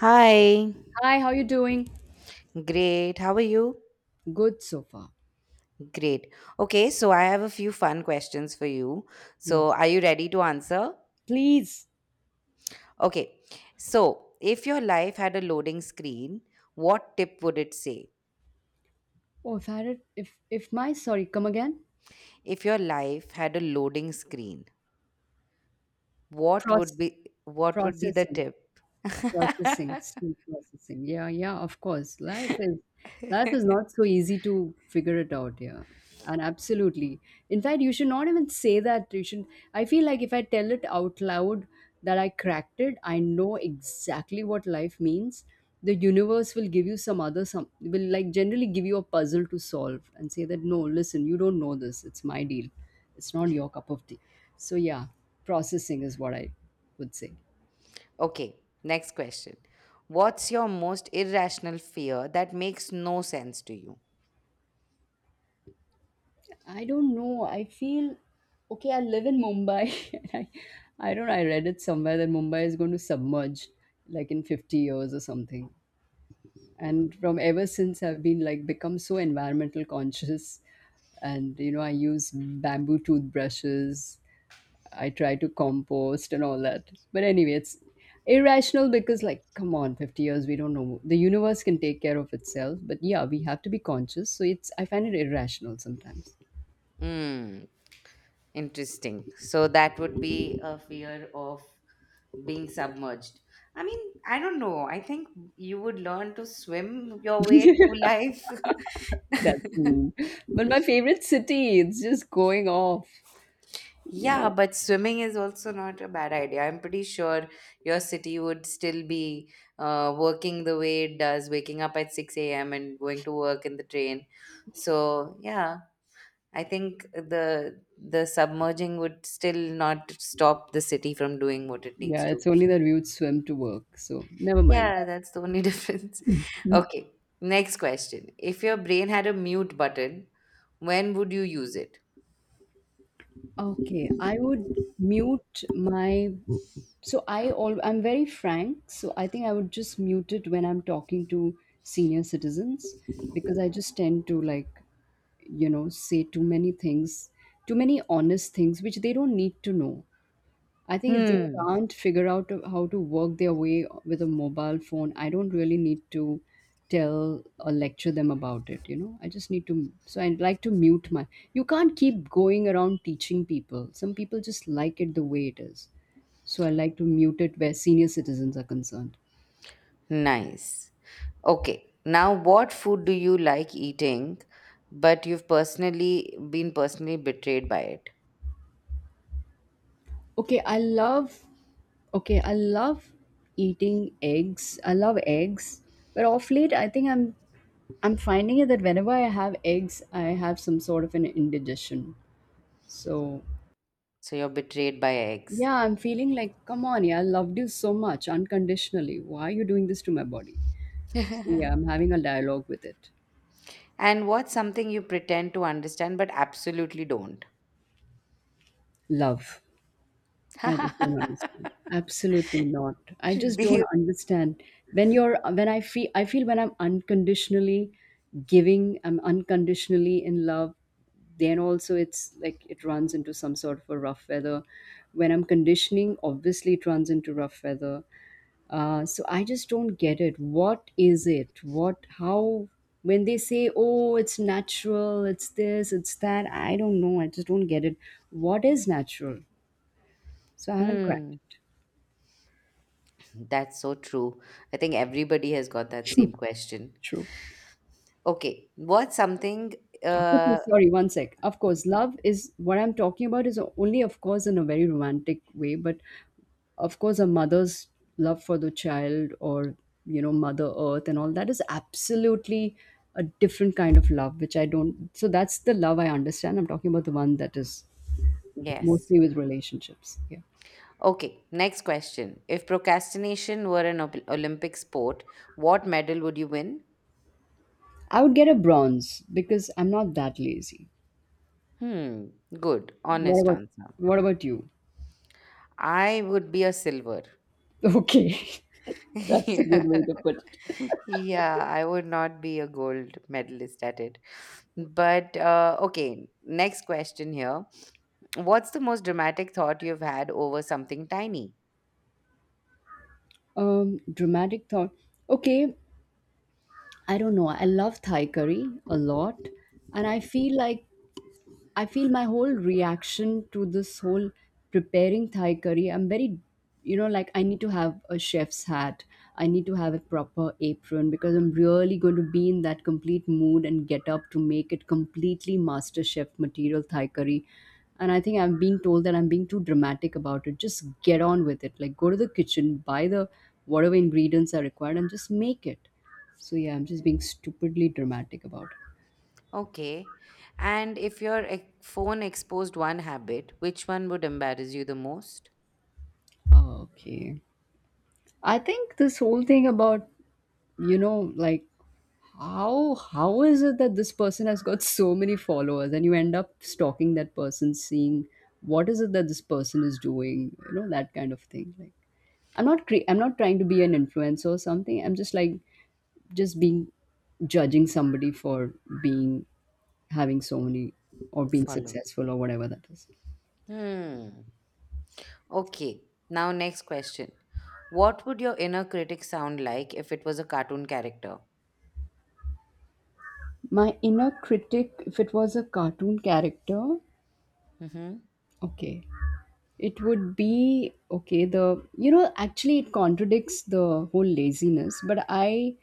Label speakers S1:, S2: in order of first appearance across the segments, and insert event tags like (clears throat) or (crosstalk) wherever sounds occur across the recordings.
S1: Hi.
S2: Hi, how you doing?
S1: Great. How are you?
S2: Good so far.
S1: Great. Okay, so I have a few fun questions for you. So,
S2: Yes.
S1: are you ready to answer?
S2: Please.
S1: Okay. So, if your life had a loading screen, what tip would it say?
S2: Oh, if I had it, if my sorry, come again?
S1: If your life had a loading screen, what would
S2: Proce-
S1: be what would be the
S2: processing.
S1: tip?
S2: Processing, still processing. Yeah, yeah, of course. Life
S1: (laughs)
S2: is life is not so easy to figure it out, yeah. And absolutely. In fact, you should not even say that. You should I feel like if I tell it out loud that I cracked it, I know exactly what life means. The universe will give you some other some will like generally give you a puzzle to solve and say that no, listen, you don't know this. It's my deal. It's not your cup of tea. So yeah, processing is what I would say.
S1: Okay, next question. What's your most irrational fear that makes no sense to you?
S2: I don't know. I feel okay. I live in Mumbai. (laughs) And I don't. I read it somewhere that Mumbai is going to submerge, like in 50 years or something. And from ever since, I've been like become so environmental conscious, and you know, I use bamboo toothbrushes. I try to compost and all that. But anyway, it's irrational because like come on 50 years, we don't know, the universe can take care of itself, but yeah, we have to be conscious, so it's, I find it irrational sometimes.
S1: Hmm. Interesting. So that would be a fear of being submerged. I mean, I don't know. I think you would learn to swim your way
S2: (laughs)
S1: through life.
S2: That's
S1: (laughs)
S2: mean. But my favorite city, it's just going off, you
S1: Yeah,
S2: know.
S1: but swimming is also not a bad idea. I'm pretty sure your city would still be working the way it does, waking up at 6 a.m. and going to work in the train. So, yeah, I think the submerging would still not stop the city from doing what it needs
S2: Yeah, it's
S1: to.
S2: only that we would swim to work. So never mind.
S1: Yeah, that's the only (laughs) difference.
S2: Mm,
S1: Okay, next question. If your brain had a mute button, when would you use it?
S2: Okay, I would mute my. So I all I'm very frank. So I think I would just mute it when I'm talking to senior citizens because I just tend to like, you know, say too many things, too many honest things which they don't need to know. I think if they
S1: Hmm,
S2: can't figure out how to work their way with a mobile phone, I don't really need to tell or lecture them about it. You know, I just need to. So I'd like to mute my. You can't keep going around teaching people. Some people just like it the way it is. So I like to mute it where senior citizens are concerned.
S1: nice. Okay, now what food do you like eating, but you've personally betrayed by it?
S2: Okay, I love okay, I love eating eggs. I love eggs. But off late I think I'm finding it that whenever I have eggs, I have some sort of an indigestion. So
S1: So you're betrayed by eggs.
S2: yeah, I'm feeling like, come on, yeah, I loved you so much unconditionally. Why are you doing this to my body? So,
S1: (laughs)
S2: yeah, I'm having a dialogue with it.
S1: And what's something you pretend to understand but absolutely don't?
S2: Love. I just don't
S1: (laughs)
S2: understand. Absolutely not. I
S1: Should
S2: just don't
S1: Be-
S2: understand. When you're when I feel when I'm unconditionally giving, I'm unconditionally in love, then also it's like it runs into some sort of a rough weather. When I'm conditioning, obviously it runs into rough weather. So I just don't get it. What is it? What how when they say, oh, it's natural, it's this, it's that, I don't know. I just don't get it. What is natural? So I haven't cracked
S1: hmm,
S2: it.
S1: that's so true. I think everybody has got that same question.
S2: True.
S1: Okay, what's something?
S2: Okay,
S1: Uh,
S2: sorry, one sec. Of course, love is what I'm talking about is only, of course, in a very romantic way, but of course, a mother's love for the child or, you know, Mother Earth and all that is absolutely a different kind of love, which I don't. So that's the love I understand. I'm talking about the one that is
S1: yes.
S2: mostly with relationships. Yeah.
S1: Okay, next question. If procrastination were an Olympic sport, what medal would you win?
S2: I would get a bronze because I'm not that lazy.
S1: Hmm, good,
S2: What
S1: honest
S2: about
S1: answer.
S2: what about you? (laughs)
S1: I would be a silver.
S2: Okay.
S1: (laughs)
S2: (laughs) That's a good
S1: Yeah.
S2: way to
S1: (laughs)
S2: put it.
S1: Yeah, I would not be a gold medalist at it. But okay, next question here. What's the most dramatic thought you've had over something tiny?
S2: Dramatic thought, okay, I don't know, I love Thai curry a lot, and I feel like I feel my whole reaction to this whole preparing Thai curry, I'm very, you know, like I need to have a chef's hat. I need to have a proper apron because I'm really going to be in that complete mood and get up to make it completely master chef material Thai curry. And I think I'm being told that I'm being too dramatic about it. Just get on with it. Like go to the kitchen, buy the whatever ingredients are required and just make it. So yeah, I'm just being stupidly dramatic about it.
S1: Okay. And if your phone exposed one habit, which one would embarrass you the most?
S2: Okay. I think this whole thing about, you know, like how is it that this person has got so many followers and you end up stalking that person, seeing what is it that this person is doing, you know, that kind of thing. Like I'm not trying to be an influencer or something. I'm just like just being judging somebody for being having so many or being
S1: Follows.
S2: successful or whatever that is.
S1: Hmm. Okay. Now, next question. What would your inner critic sound like if it was a cartoon character?
S2: My inner critic, if it was a cartoon character,
S1: Mm-hmm.
S2: okay. It would be okay. The you know actually it contradicts the whole laziness, but I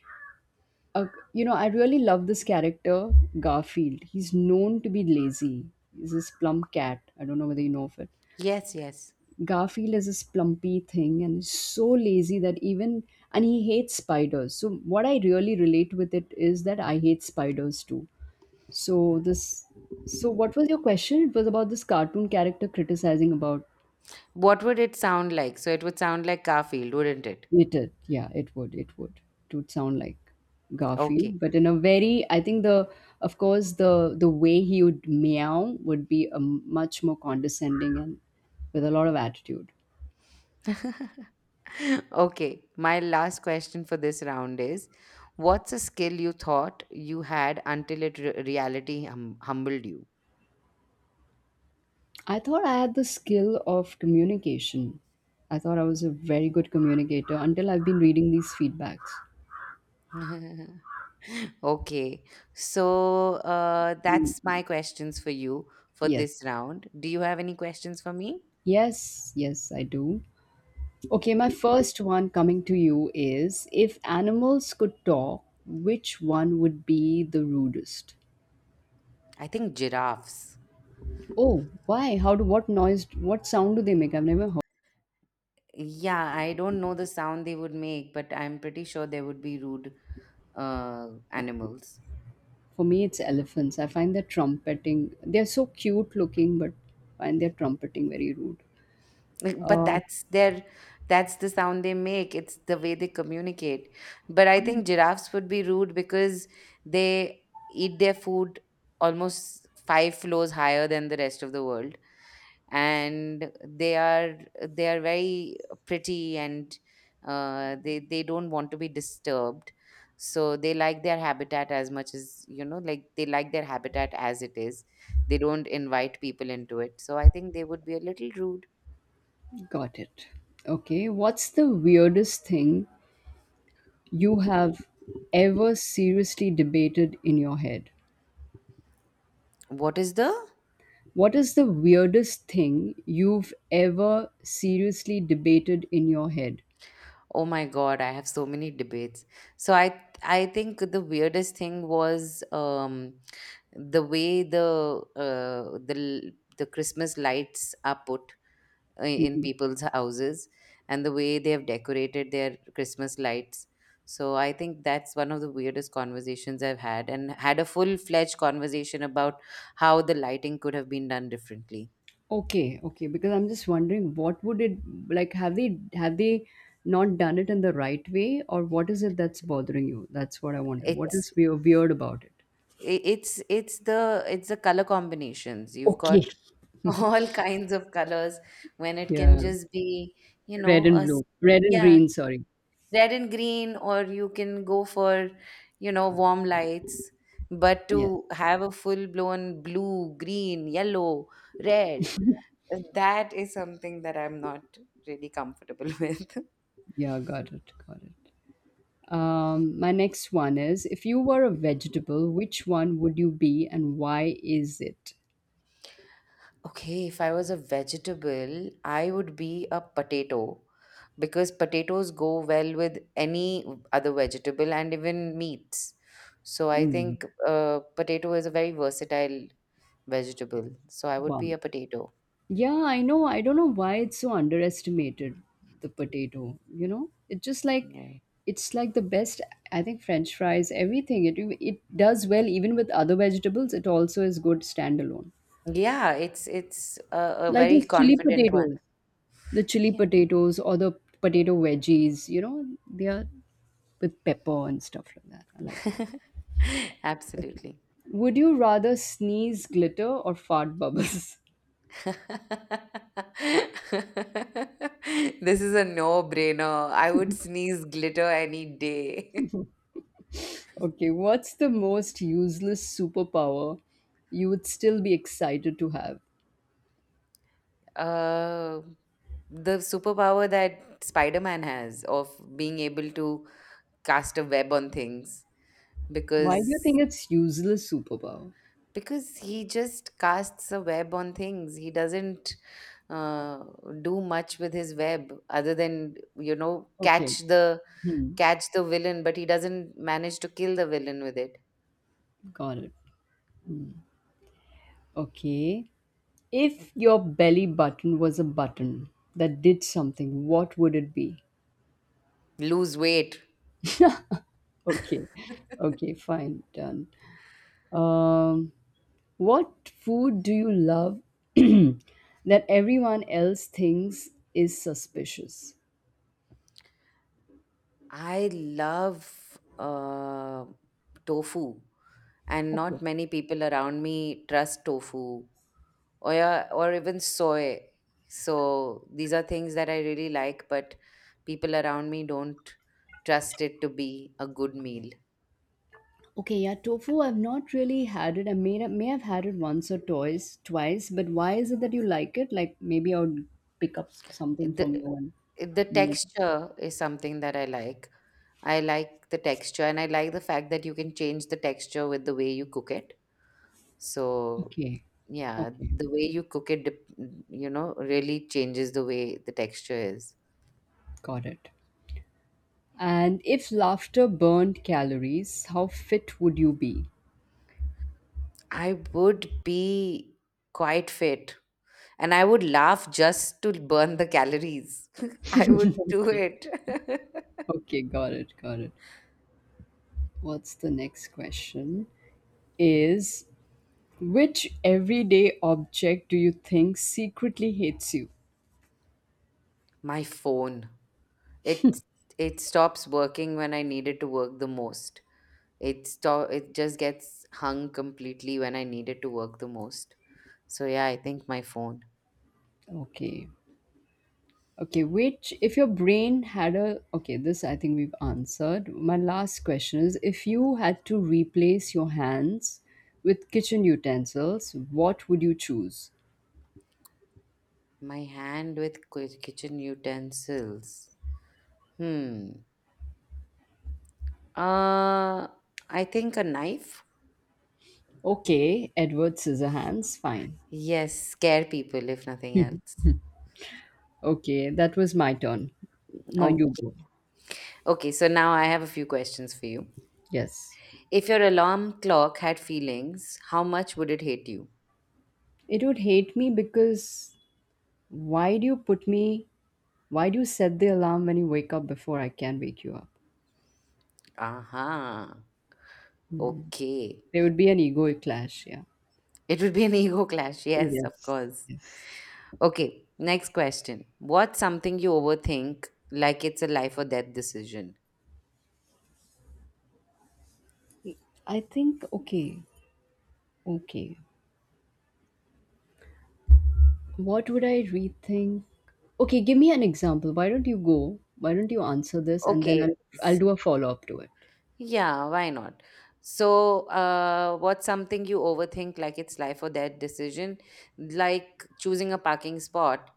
S2: uh, you know I really love this character Garfield. He's known to be lazy. He's this plump cat. I don't know whether you know of it.
S1: Yes, yes.
S2: Garfield is this plumpy thing and is so lazy that even and he hates spiders. So what I really relate with it is that I hate spiders too. So this so what was your question? It was about this cartoon character criticizing about
S1: What would it sound like? So, it would sound like Garfield, wouldn't it?
S2: It did. Yeah, it would. It would. It would sound like
S1: Okay.
S2: Garfield, but in a very, I think the, of course, the way he would meow would be a much more condescending and with a lot of attitude.
S1: (laughs) Okay. My last question for this round is: what's a skill you thought you had until reality humbled you?
S2: I thought I had the skill of communication. I thought I was a very good communicator until I've been reading these feedbacks.
S1: (laughs) Okay. So that's my questions for you for
S2: Yes.
S1: this round. Do you have any questions for me?
S2: Yes, yes, I do. Okay, my first one coming to you is if animals could talk, which one would be the rudest?
S1: I think giraffes.
S2: Oh, why? How do what noise? What sound do they make? I've never heard.
S1: Yeah, I don't know the sound they would make, but I'm pretty sure they would be rude
S2: Of.
S1: animals. (laughs)
S2: For me, it's elephants. I find their trumpeting. They're so cute looking, but I find their trumpeting very rude.
S1: Like, but
S2: Uh,
S1: that's the sound they make. It's the way they communicate. But I think giraffes would be rude because they eat their food almost five floors higher than the rest of the world, and they are very pretty, and they don't want to be disturbed, so they like their habitat as much as, like, they like their habitat as it is. They don't invite people into it, so I think they would be a little rude.
S2: got it. Okay. What's the weirdest thing you have ever seriously debated in your head?
S1: What is the
S2: What is the weirdest thing you've ever seriously debated in your head?
S1: Oh my God, I have so many debates. So I think the weirdest thing was the way the Christmas lights are put, in
S2: Mm-hmm.
S1: people's houses, and the way they have decorated their Christmas lights. So I think that's one of the weirdest conversations I've had, and had a full fledged conversation about how the lighting could have been done differently.
S2: Okay, okay, because I'm just wondering what would it like have they not done it in the right way or what is it that's bothering you? That's what I wanted. What
S1: It's
S2: is weird about it?
S1: I- it's the color combinations. You've
S2: Okay.
S1: got (laughs) all kinds of colors when it can
S2: Yeah.
S1: just be, you
S2: Red
S1: know,
S2: and blue. Red and
S1: yeah,
S2: green, sorry.
S1: red and green, or you can go for, warm lights, but
S2: Yeah.
S1: to have a full blown blue, green, yellow, red, that is something that I'm not really comfortable (laughs) with.
S2: Yeah, got it. Got it. My next one is if you were a vegetable, which one would you be and why is it?
S1: Okay, if I was a vegetable, I would be a potato, because potatoes go well with any other vegetable, and even meats. So I
S2: Mm.
S1: think potato is a very versatile vegetable, so I would be
S2: Wow.
S1: a potato.
S2: Yeah, I know. I don't know why it's so underestimated, the potato. You know, it's just like
S1: Yeah.
S2: it's like the best. I think French fries, everything. It does well even with other vegetables. It also is good standalone.
S1: Yeah, it's a
S2: Like
S1: very
S2: those chili
S1: confident one.
S2: potatoes, the chili
S1: Yeah.
S2: potatoes or the potato veggies. You know, they are with pepper and stuff like that. I like it.
S1: (laughs)
S2: Okay.
S1: Absolutely.
S2: Would you rather sneeze glitter or fart bubbles? (laughs)
S1: (laughs) This is a no-brainer. I would sneeze glitter any day. (laughs)
S2: Okay, what's the most useless superpower you would still be excited to have?
S1: Uh, the superpower that Spider-Man has of being able to cast a web on things,
S2: Why do you think
S1: because
S2: it's useless superpower?
S1: because he just casts a web on things. He doesn't uh, do much with his web other than,
S2: Okay.
S1: catch the
S2: Hmm.
S1: catch the villain, but he doesn't manage to kill the villain with it.
S2: Got it. Okay. If your belly button was a button that did something, what would it be?
S1: Lose weight.
S2: Okay. Okay, fine. Done. Um, what food do you love (clears throat) that everyone else thinks is suspicious?
S1: I love tofu, and
S2: Okay.
S1: not many people around me trust tofu, or yeah, or even soy. So these are things that I really like, but people around me don't trust it to be a good meal.
S2: Okay, yeah, tofu. I've not really had it. I may have had it once or twice, twice. But why is it that you like it? Like maybe I would pick up something from
S1: The
S2: you and
S1: the
S2: make it.
S1: texture is something that I like. I like the texture, and I like the fact that you can change the texture with the way you cook it. So
S2: Okay,
S1: yeah,
S2: okay,
S1: the way you cook it, really changes the way the texture is.
S2: got it. And if laughter burned calories, how fit would you be?
S1: I would be quite fit, and I would laugh just to burn the calories. (laughs) I would do
S2: (laughs) Okay,
S1: it.
S2: okay, got it, got it. What's the next question? Is which everyday object do you think secretly hates you?
S1: (laughs) My phone. It it stops working when I need it to work the most. It stop. It just gets hung completely when I need it to work the most. So yeah, I think my phone.
S2: Okay, okay, which if your brain had a okay, this I think we've answered. My last question is if you had to replace your hands with kitchen utensils, what would you choose?
S1: My hand with kitchen utensils. Hmm. Uh I think a knife.
S2: Okay, Edward Scissorhands, fine.
S1: Yes, scare people if nothing else.
S2: Okay, that was my turn. Now you
S1: Okay.
S2: go.
S1: Okay, so now I have a few questions for you.
S2: Yes.
S1: If your alarm clock had feelings, how much would it hate you?
S2: It would hate me because why do you put me why do you set the alarm when you wake up before I can wake you up?
S1: Aha. Okay.
S2: There would be an ego clash, yeah.
S1: It would be an (laughs) ego clash. Yes, of
S2: Yes.
S1: course.
S2: Yes.
S1: Okay. Next question. What's something you overthink like it's a life or death decision?
S2: I think, okay, okay. What would I rethink? Okay, give me an example. Why don't you go? Why don't you answer this and then
S1: Okay.
S2: I'll do a follow up to it.
S1: Yeah, why not? So, what's something you overthink like it's life or death decision? Like choosing a parking spot,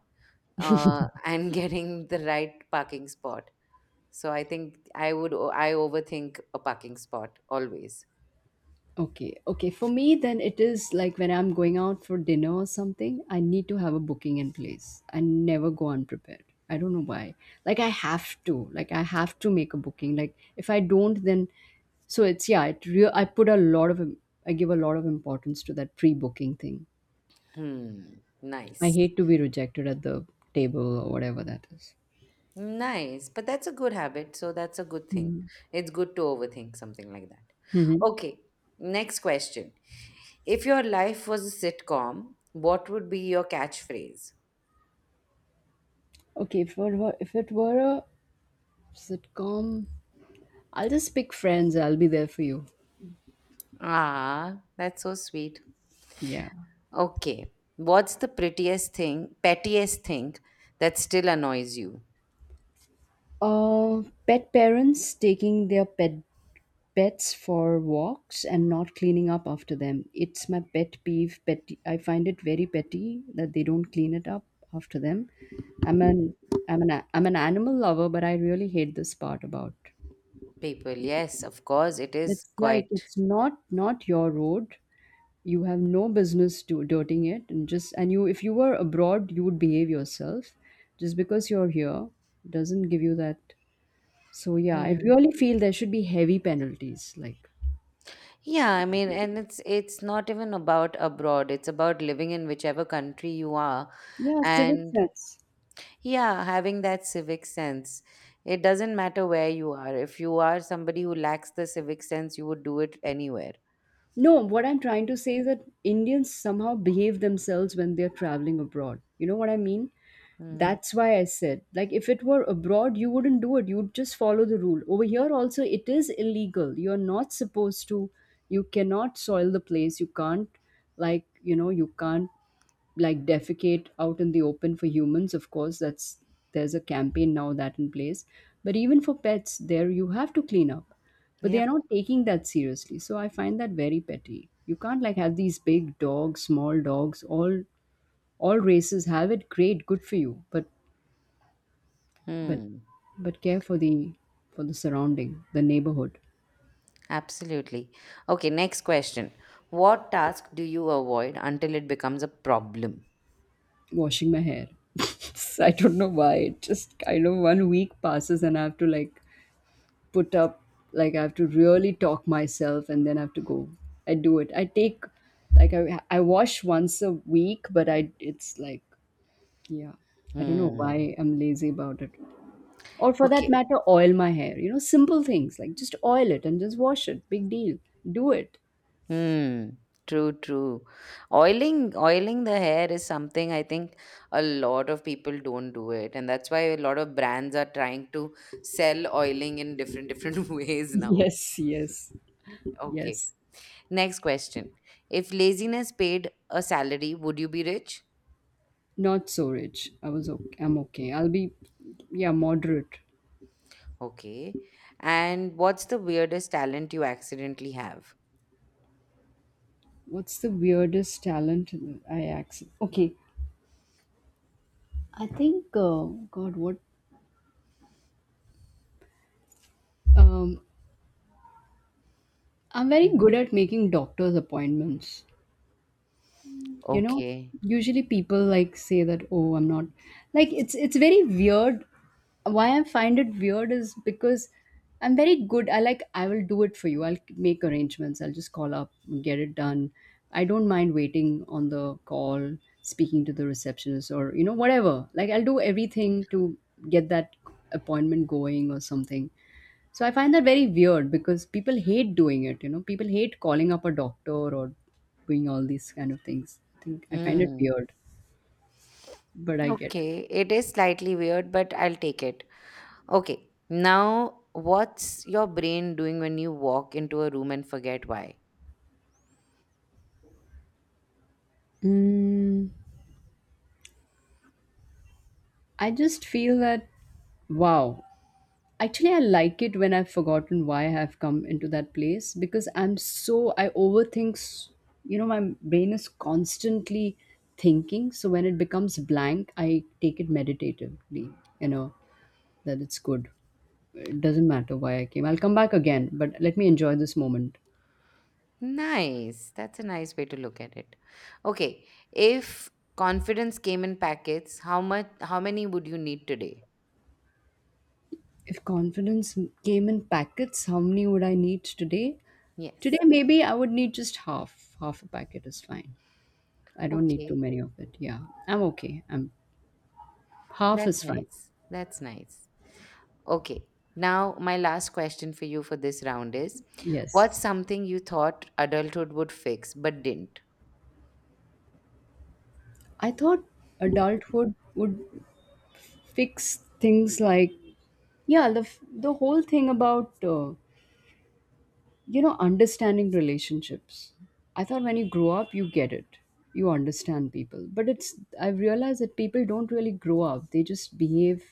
S1: and (laughs) getting the right parking spot. So I think I overthink a parking spot always.
S2: Okay, okay. For me, then it is like when I'm going out for dinner or something, I need to have a booking in place. I never go unprepared. I don't know why. Like, I have to. Like, I have to make a booking. Like, if I don't, then so it's yeah it real I put a lot of I give a lot of importance to that pre-booking thing.
S1: Hmm.
S2: I
S1: Nice.
S2: hate to be rejected at the table or whatever that is.
S1: Nice. But that's a good habit. So that's a good thing.
S2: Mhm.
S1: It's good to overthink something like that.
S2: Mhm.
S1: Okay. Next question. If your life was a sitcom, what would be your catchphrase?
S2: Okay, if it were a sitcom, I'll just pick Friends. I'll be there for you.
S1: Ah, that's so sweet.
S2: Yeah.
S1: Okay. What's the prettiest thing, pettiest thing that still annoys you?
S2: Pet parents taking their pets for walks and not cleaning up after them. It's my pet peeve. Petty. I find it very petty that they don't clean it up after them. I'm an I'm an animal lover, but I really hate this part about.
S1: People, yes, of course, it is
S2: It's like
S1: quite.
S2: it's not your road. You have no business to dirting it. And you, if you were abroad, you would behave yourself just because you're here. Doesn't give you that. So yeah, I
S1: Hmm.
S2: really feel there should be heavy penalties, like,
S1: Yeah, I mean, and it's not even about abroad. It's about living in whichever country you are,
S2: yeah, civic
S1: and
S2: sense.
S1: yeah, having that civic sense. It doesn't matter where you are. If you are somebody who lacks the civic sense, you would do it anywhere.
S2: No, what I'm trying to say is that Indians somehow behave themselves when they're traveling abroad, you know what I mean?
S1: Hmm.
S2: That's why I said, like, if it were abroad, you wouldn't do it. You'd just follow the rule. Over here, also, it is illegal. You're not supposed to, you cannot soil the place. You can't, like, you know, you can't, like, defecate out in the open for humans. Of course, that's, there's a campaign now that in place. But even for pets, there you have to clean up. But they
S1: Yeah.
S2: are not taking that seriously. So I find that very petty. You can't, like, have these big dogs, small dogs, all races have it. Great, good for you. But
S1: Hmm,
S2: but care for the surrounding, the neighborhood.
S1: absolutely. Okay, next question. What task do you avoid until it becomes a problem?
S2: Washing my hair. (laughs) I don't know why. It just kind of one week passes and I have to, like, put up, like, I have to really talk myself and then I have to go. I do it. I take, like, I wash once a week, but I it's like, yeah. I don't know
S1: Hmm.
S2: why I'm lazy about it. Or for that
S1: Okay.
S2: matter, oil my hair. You know, simple things, like, just oil it and just wash it, big deal. Do it.
S1: Hmm. True, true. Oiling, oiling the hair is something I think a lot of people don't do it, and that's why a lot of brands are trying to sell oiling in different different (laughs)
S2: (laughs)
S1: ways now.
S2: Yes, yes.
S1: Okay.
S2: Yes.
S1: Next question. If laziness paid a salary, would you be rich?
S2: Not so rich. I was okay. I'm okay. I'll be, yeah, moderate.
S1: Okay. And what's the weirdest talent you accidentally have?
S2: What's the weirdest talent I accept? Okay, I think. God, what? Um, I'm very
S1: Mhm.
S2: good at making doctor's appointments. You know,
S1: Okay.
S2: usually people, like, say that, oh, I'm not, like, it's very weird. Why I find it weird is because I'm very good. I, like, I will do it for you. I'll make arrangements. I'll just call up and get it done. I don't mind waiting on the call, speaking to the receptionist, or whatever, like, I'll do everything to get that appointment going or something. So I find that very weird because people hate doing it. You know, people hate calling up a doctor or doing all these kind of things. I think I find it
S1: Hmm.
S2: weird, but I get.
S1: Okay. It is slightly weird, but I'll take it. Okay, now what's your brain doing when you walk into a room and forget why?
S2: Mm. I just feel that wow. Actually, I like it when I've forgotten why I have come into that place because I overthink. You know, my brain is constantly thinking. So when it becomes blank, I take it meditatively. You know, that it's good. It doesn't matter why I came. I'll come back again, but let me enjoy this moment.
S1: Nice. That's a nice way to look at it. Okay, if confidence came in packets, how many would you need today?
S2: If confidence came in packets, how many would I need today? Today,
S1: Yes.
S2: maybe I would need just half. Half a packet is fine. I don't need too
S1: Okay.
S2: many of it. Yeah, I'm okay. I'm half is
S1: That's
S2: fine.
S1: nice. That's nice. Okay. Now my last question for you for this round is,
S2: Yes.
S1: what's something you thought adulthood would fix but didn't?
S2: I thought adulthood would fix things like, yeah, the whole thing about understanding relationships. I thought when you grow up you get it, you understand people. But it's I've realized that people don't really grow up, they just behave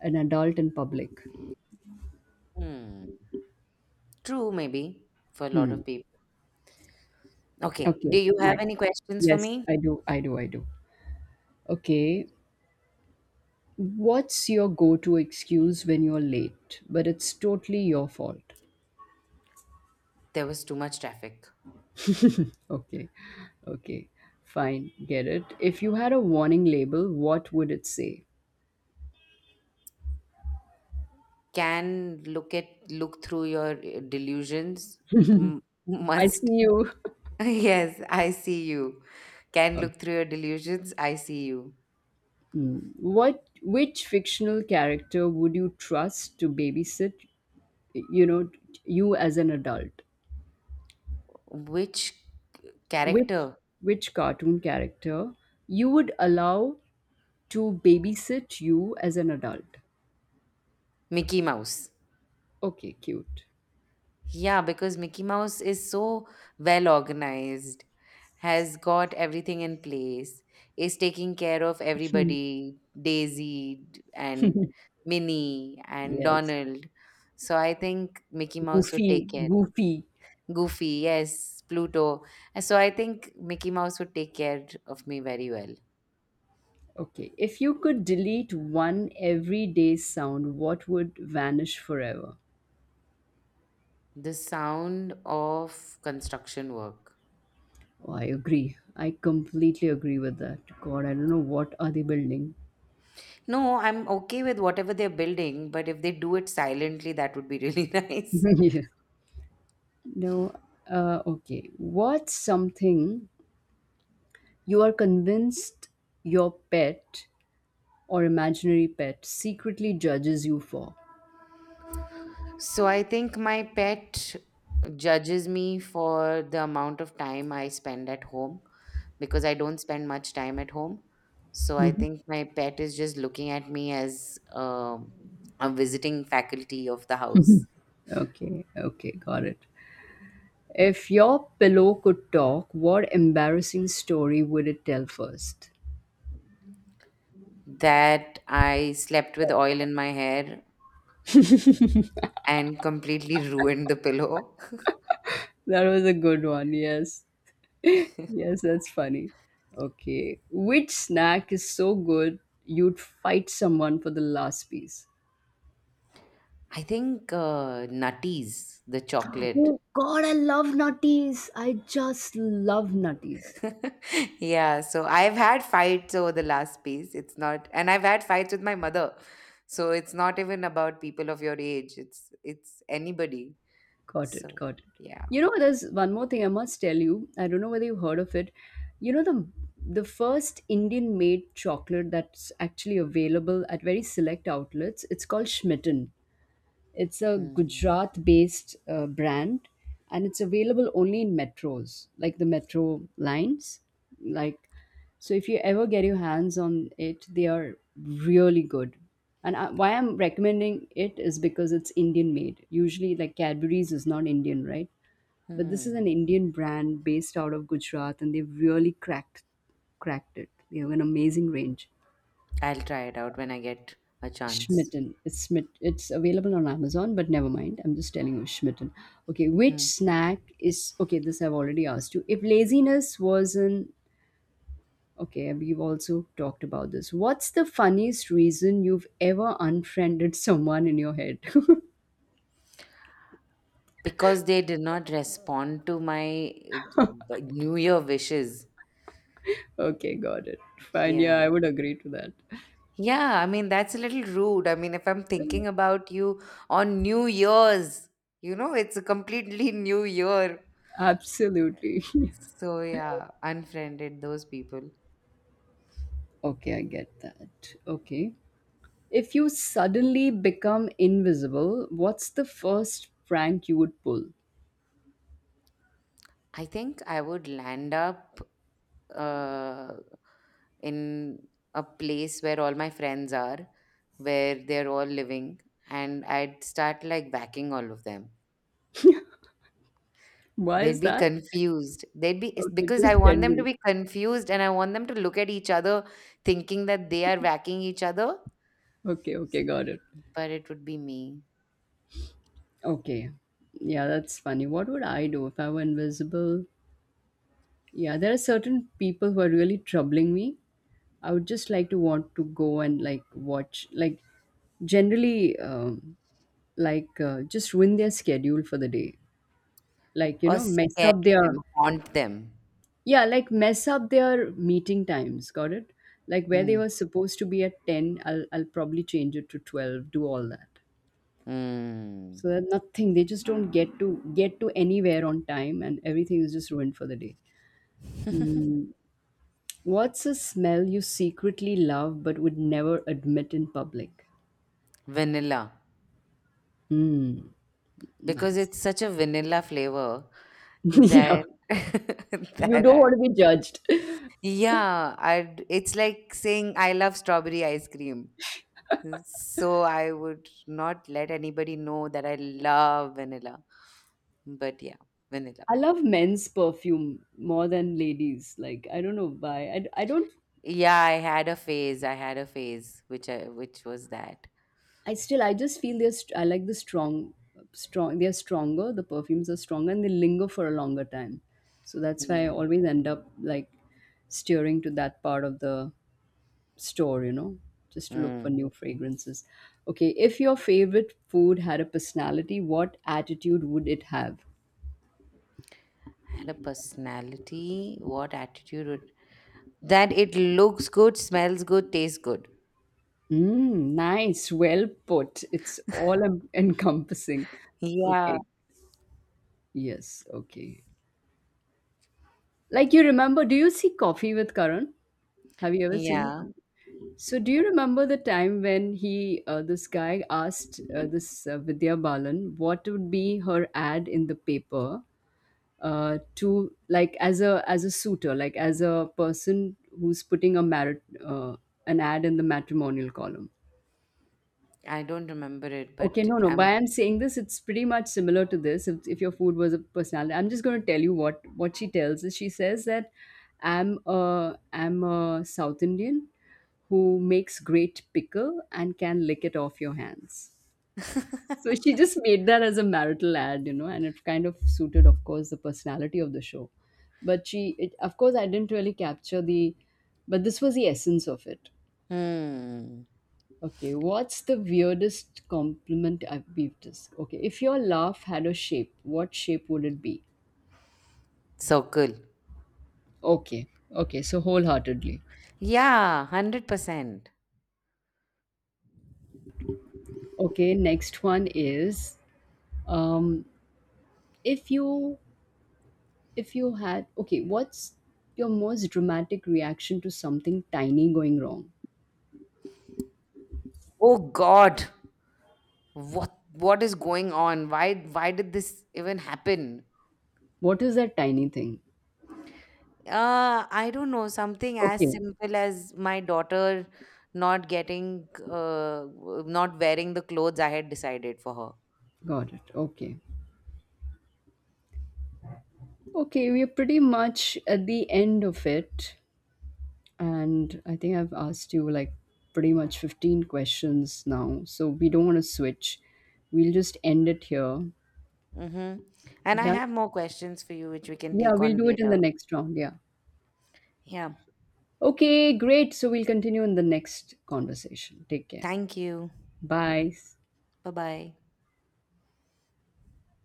S2: an adult in public.
S1: Hmm. True, maybe for a lot
S2: Hmm.
S1: of people. Okay. Do
S2: Okay,
S1: you have
S2: my
S1: any questions for
S2: yes,
S1: me?
S2: I do, I do, I do. Okay. What's your go-to excuse when you're late, but it's totally your fault?
S1: There was too much traffic.
S2: Okay. Okay, fine, get it. If you had a warning label, what would it say?
S1: Can look through your delusions. M-
S2: I see
S1: must.
S2: you.
S1: (laughs) Yes, I see you. Can look
S2: (laughs)
S1: through your delusions. I see you.
S2: Mm. What which fictional character would you trust to babysit, you know, you as an adult?
S1: Which
S2: Which
S1: character?
S2: which cartoon character you would allow to babysit you as an adult?
S1: Mickey Mouse.
S2: Okay, cute.
S1: Yeah, because Mickey Mouse is so well organized, has got everything in place, is taking care of
S2: Hmm.
S1: everybody, Daisy and Minnie and
S2: Yes.
S1: Donald. So I think Mickey Mouse would take
S2: Goofy,
S1: care.
S2: goofy.
S1: Goofy, yes, Pluto. And so I think Mickey Mouse would take care of me very well.
S2: Okay. If you could delete one everyday sound, what would vanish forever?
S1: The sound of construction work.
S2: Oh, I agree. I completely agree with that. God, I don't know what are they building.
S1: No, I'm okay with whatever they're building, but if they do it silently, that would be really (laughs) nice.
S2: (laughs) Yes. No. Okay. What's something you are convinced your pet or imaginary pet secretly judges you for?
S1: So I think my pet judges me for the amount of time I spend at home, because I don't spend much time at home. So I think my pet is just looking at me as a visiting faculty of the house.
S2: Okay. Okay, got it. If your pillow could talk, what embarrassing story would it tell first?
S1: That I slept with oil in my hair and completely (laughs) ruined the pillow. (laughs)
S2: That was a good one. Yes. Yes, that's funny. Okay. Which snack is so good you'd fight someone for the last piece?
S1: I think Nutties, the chocolate.
S2: Oh, God, I love nutties. I just love nutties.
S1: (laughs) Yeah, so I've had fights over the last piece. It's not, and I've had fights with my mother. So it's not even about people of your age. It's anybody.
S2: Got it,
S1: So
S2: got it.
S1: yeah.
S2: You know, there's one more thing I must tell you. I don't know whether you've heard of it. You know the first Indian made chocolate that's actually available at very select outlets. It's called Schmitten. It's a
S1: Hmm.
S2: Gujarat based brand and it's available only in metros, like the metro lines. Like, so if you ever get your hands on it, they are really good. Why I'm recommending it is because it's Indian made. Usually, like Cadbury's is not Indian, right? But this is
S1: Hmm.
S2: an Indian brand based out of Gujarat and they've really cracked it. They have an amazing range.
S1: I'll try it out when I get a chance.
S2: Schmitten. It's smit. It's available on Amazon, but never mind. I'm just telling you, Schmitten. Okay, which
S1: Hmm.
S2: snack is okay? This I've already asked you. If laziness was an, okay, we've also talked about this. What's the funniest reason you've ever unfriended (laughs) someone in your head?
S1: Because they did not respond to my New Year wishes.
S2: (laughs) Okay, got it. Fine. Yeah,
S1: Yeah.
S2: I would agree to that.
S1: Yeah, I mean, that's a little rude. I mean, if I'm thinking about you on New Year's, it's a completely (laughs) new year.
S2: Absolutely.
S1: So, yeah, unfriended those people.
S2: (laughs) Okay, I get that. Okay. If you suddenly become invisible, what's the first prank you would pull?
S1: I think I would land up uh, in a place where all my friends are, where they're all living, and I'd start like backing all of them.
S2: Why
S1: They'd
S2: is
S1: be
S2: that?
S1: confused. They'd be it's
S2: Okay,
S1: because I
S2: just
S1: want them to
S2: generally.
S1: be confused, and I want them to look at each other thinking that they are whacking each other,
S2: Okay, okay, got it.
S1: but it would be me.
S2: Okay. Yeah, that's funny. What would I do if I were invisible? Yeah, there are certain people who are really troubling me. I would just like to want to go and, like, watch, like, generally, like, just ruin their schedule for the day. Like, you
S1: Or
S2: know, mess
S1: scare
S2: up
S1: them,
S2: their,
S1: haunt them.
S2: yeah, like mess up their meeting times. Got it? Like where they
S1: Mm.
S2: were supposed to be at 10, I'll probably change it to 12, do all that.
S1: Mm.
S2: So that nothing, they just don't get to anywhere on time and everything is just ruined for the day. Hmm. What's a smell you secretly love but would never admit in public?
S1: Vanilla.
S2: Hmm,
S1: Because
S2: nice.
S1: it's such a vanilla flavor
S2: (laughs) Yeah,
S1: that (laughs)
S2: you
S1: that
S2: don't
S1: I
S2: want to be
S1: would.
S2: judged.
S1: Yeah, it's like saying I love strawberry ice cream. So I would not let anybody know that I love vanilla. But yeah, vanilla.
S2: I love men's perfume more than ladies, like, I don't know why. I don't.
S1: Yeah, I had a phase. I had a phase which was that.
S2: I just feel they're I like the strong, they're stronger. The perfumes are stronger and they linger for a longer time. So that's why I
S1: Yeah.
S2: always end up, like, steering to that part of the store, just to look for
S1: Mm.
S2: new fragrances. Okay, if your favorite food had a personality, what attitude would it have?
S1: Had a personality. What attitude would. That it looks good, smells good, tastes good.
S2: Mm, nice, well put. It's all (laughs) encompassing.
S1: Yeah.
S2: Okay, yes, okay. Like, you remember do you see Coffee with Karan? Have you ever seen
S1: Yeah.
S2: Coffee? So, do you remember the time when he, this guy asked this Vidya Balan what would be her ad in the paper, to, like, as a suitor, like as a person who's putting a merit, an ad in the matrimonial column.
S1: I don't remember it,
S2: Okay,
S1: but
S2: no, no. But
S1: I'm.
S2: I'm saying this, it's pretty much similar to this. If your food was a personality, I'm just going to tell you what she tells is. She says that I'm a South Indian who makes great pickle and can lick it off your hands. So she
S1: (laughs)
S2: just made that as a marital ad, and it kind of suited, of course, the personality of the show. But of course, I didn't really capture the, but this was the essence of it.
S1: Hmm.
S2: Okay, what's the weirdest compliment I've beefed this? Okay, if your laugh had a shape, what shape would it be?
S1: Circle.
S2: Okay, okay, so wholeheartedly.
S1: Yeah, 100%.
S2: Okay, next one is. um, if you if you had Okay, what's your most dramatic reaction to something tiny going wrong?
S1: Oh God. what what is going on, why did this even happen?
S2: What is that tiny thing?
S1: I don't know, something as
S2: Okay,
S1: simple as my daughter not getting uh, not wearing the clothes I had decided for her.
S2: got it. Okay, okay, we're pretty much at the end of it. And I think I've asked you, like, pretty much 15 questions now. So we don't want to switch. We'll just end it here.
S1: Mm-hmm. And I
S2: Yeah.
S1: have more questions for you which we can
S2: Yeah,
S1: take
S2: we'll
S1: on
S2: do it in the
S1: later.
S2: next round. Yeah.
S1: Yeah,
S2: Okay, great. So we'll continue in the next conversation. Take care.
S1: thank you.
S2: Bye.
S1: Bye bye.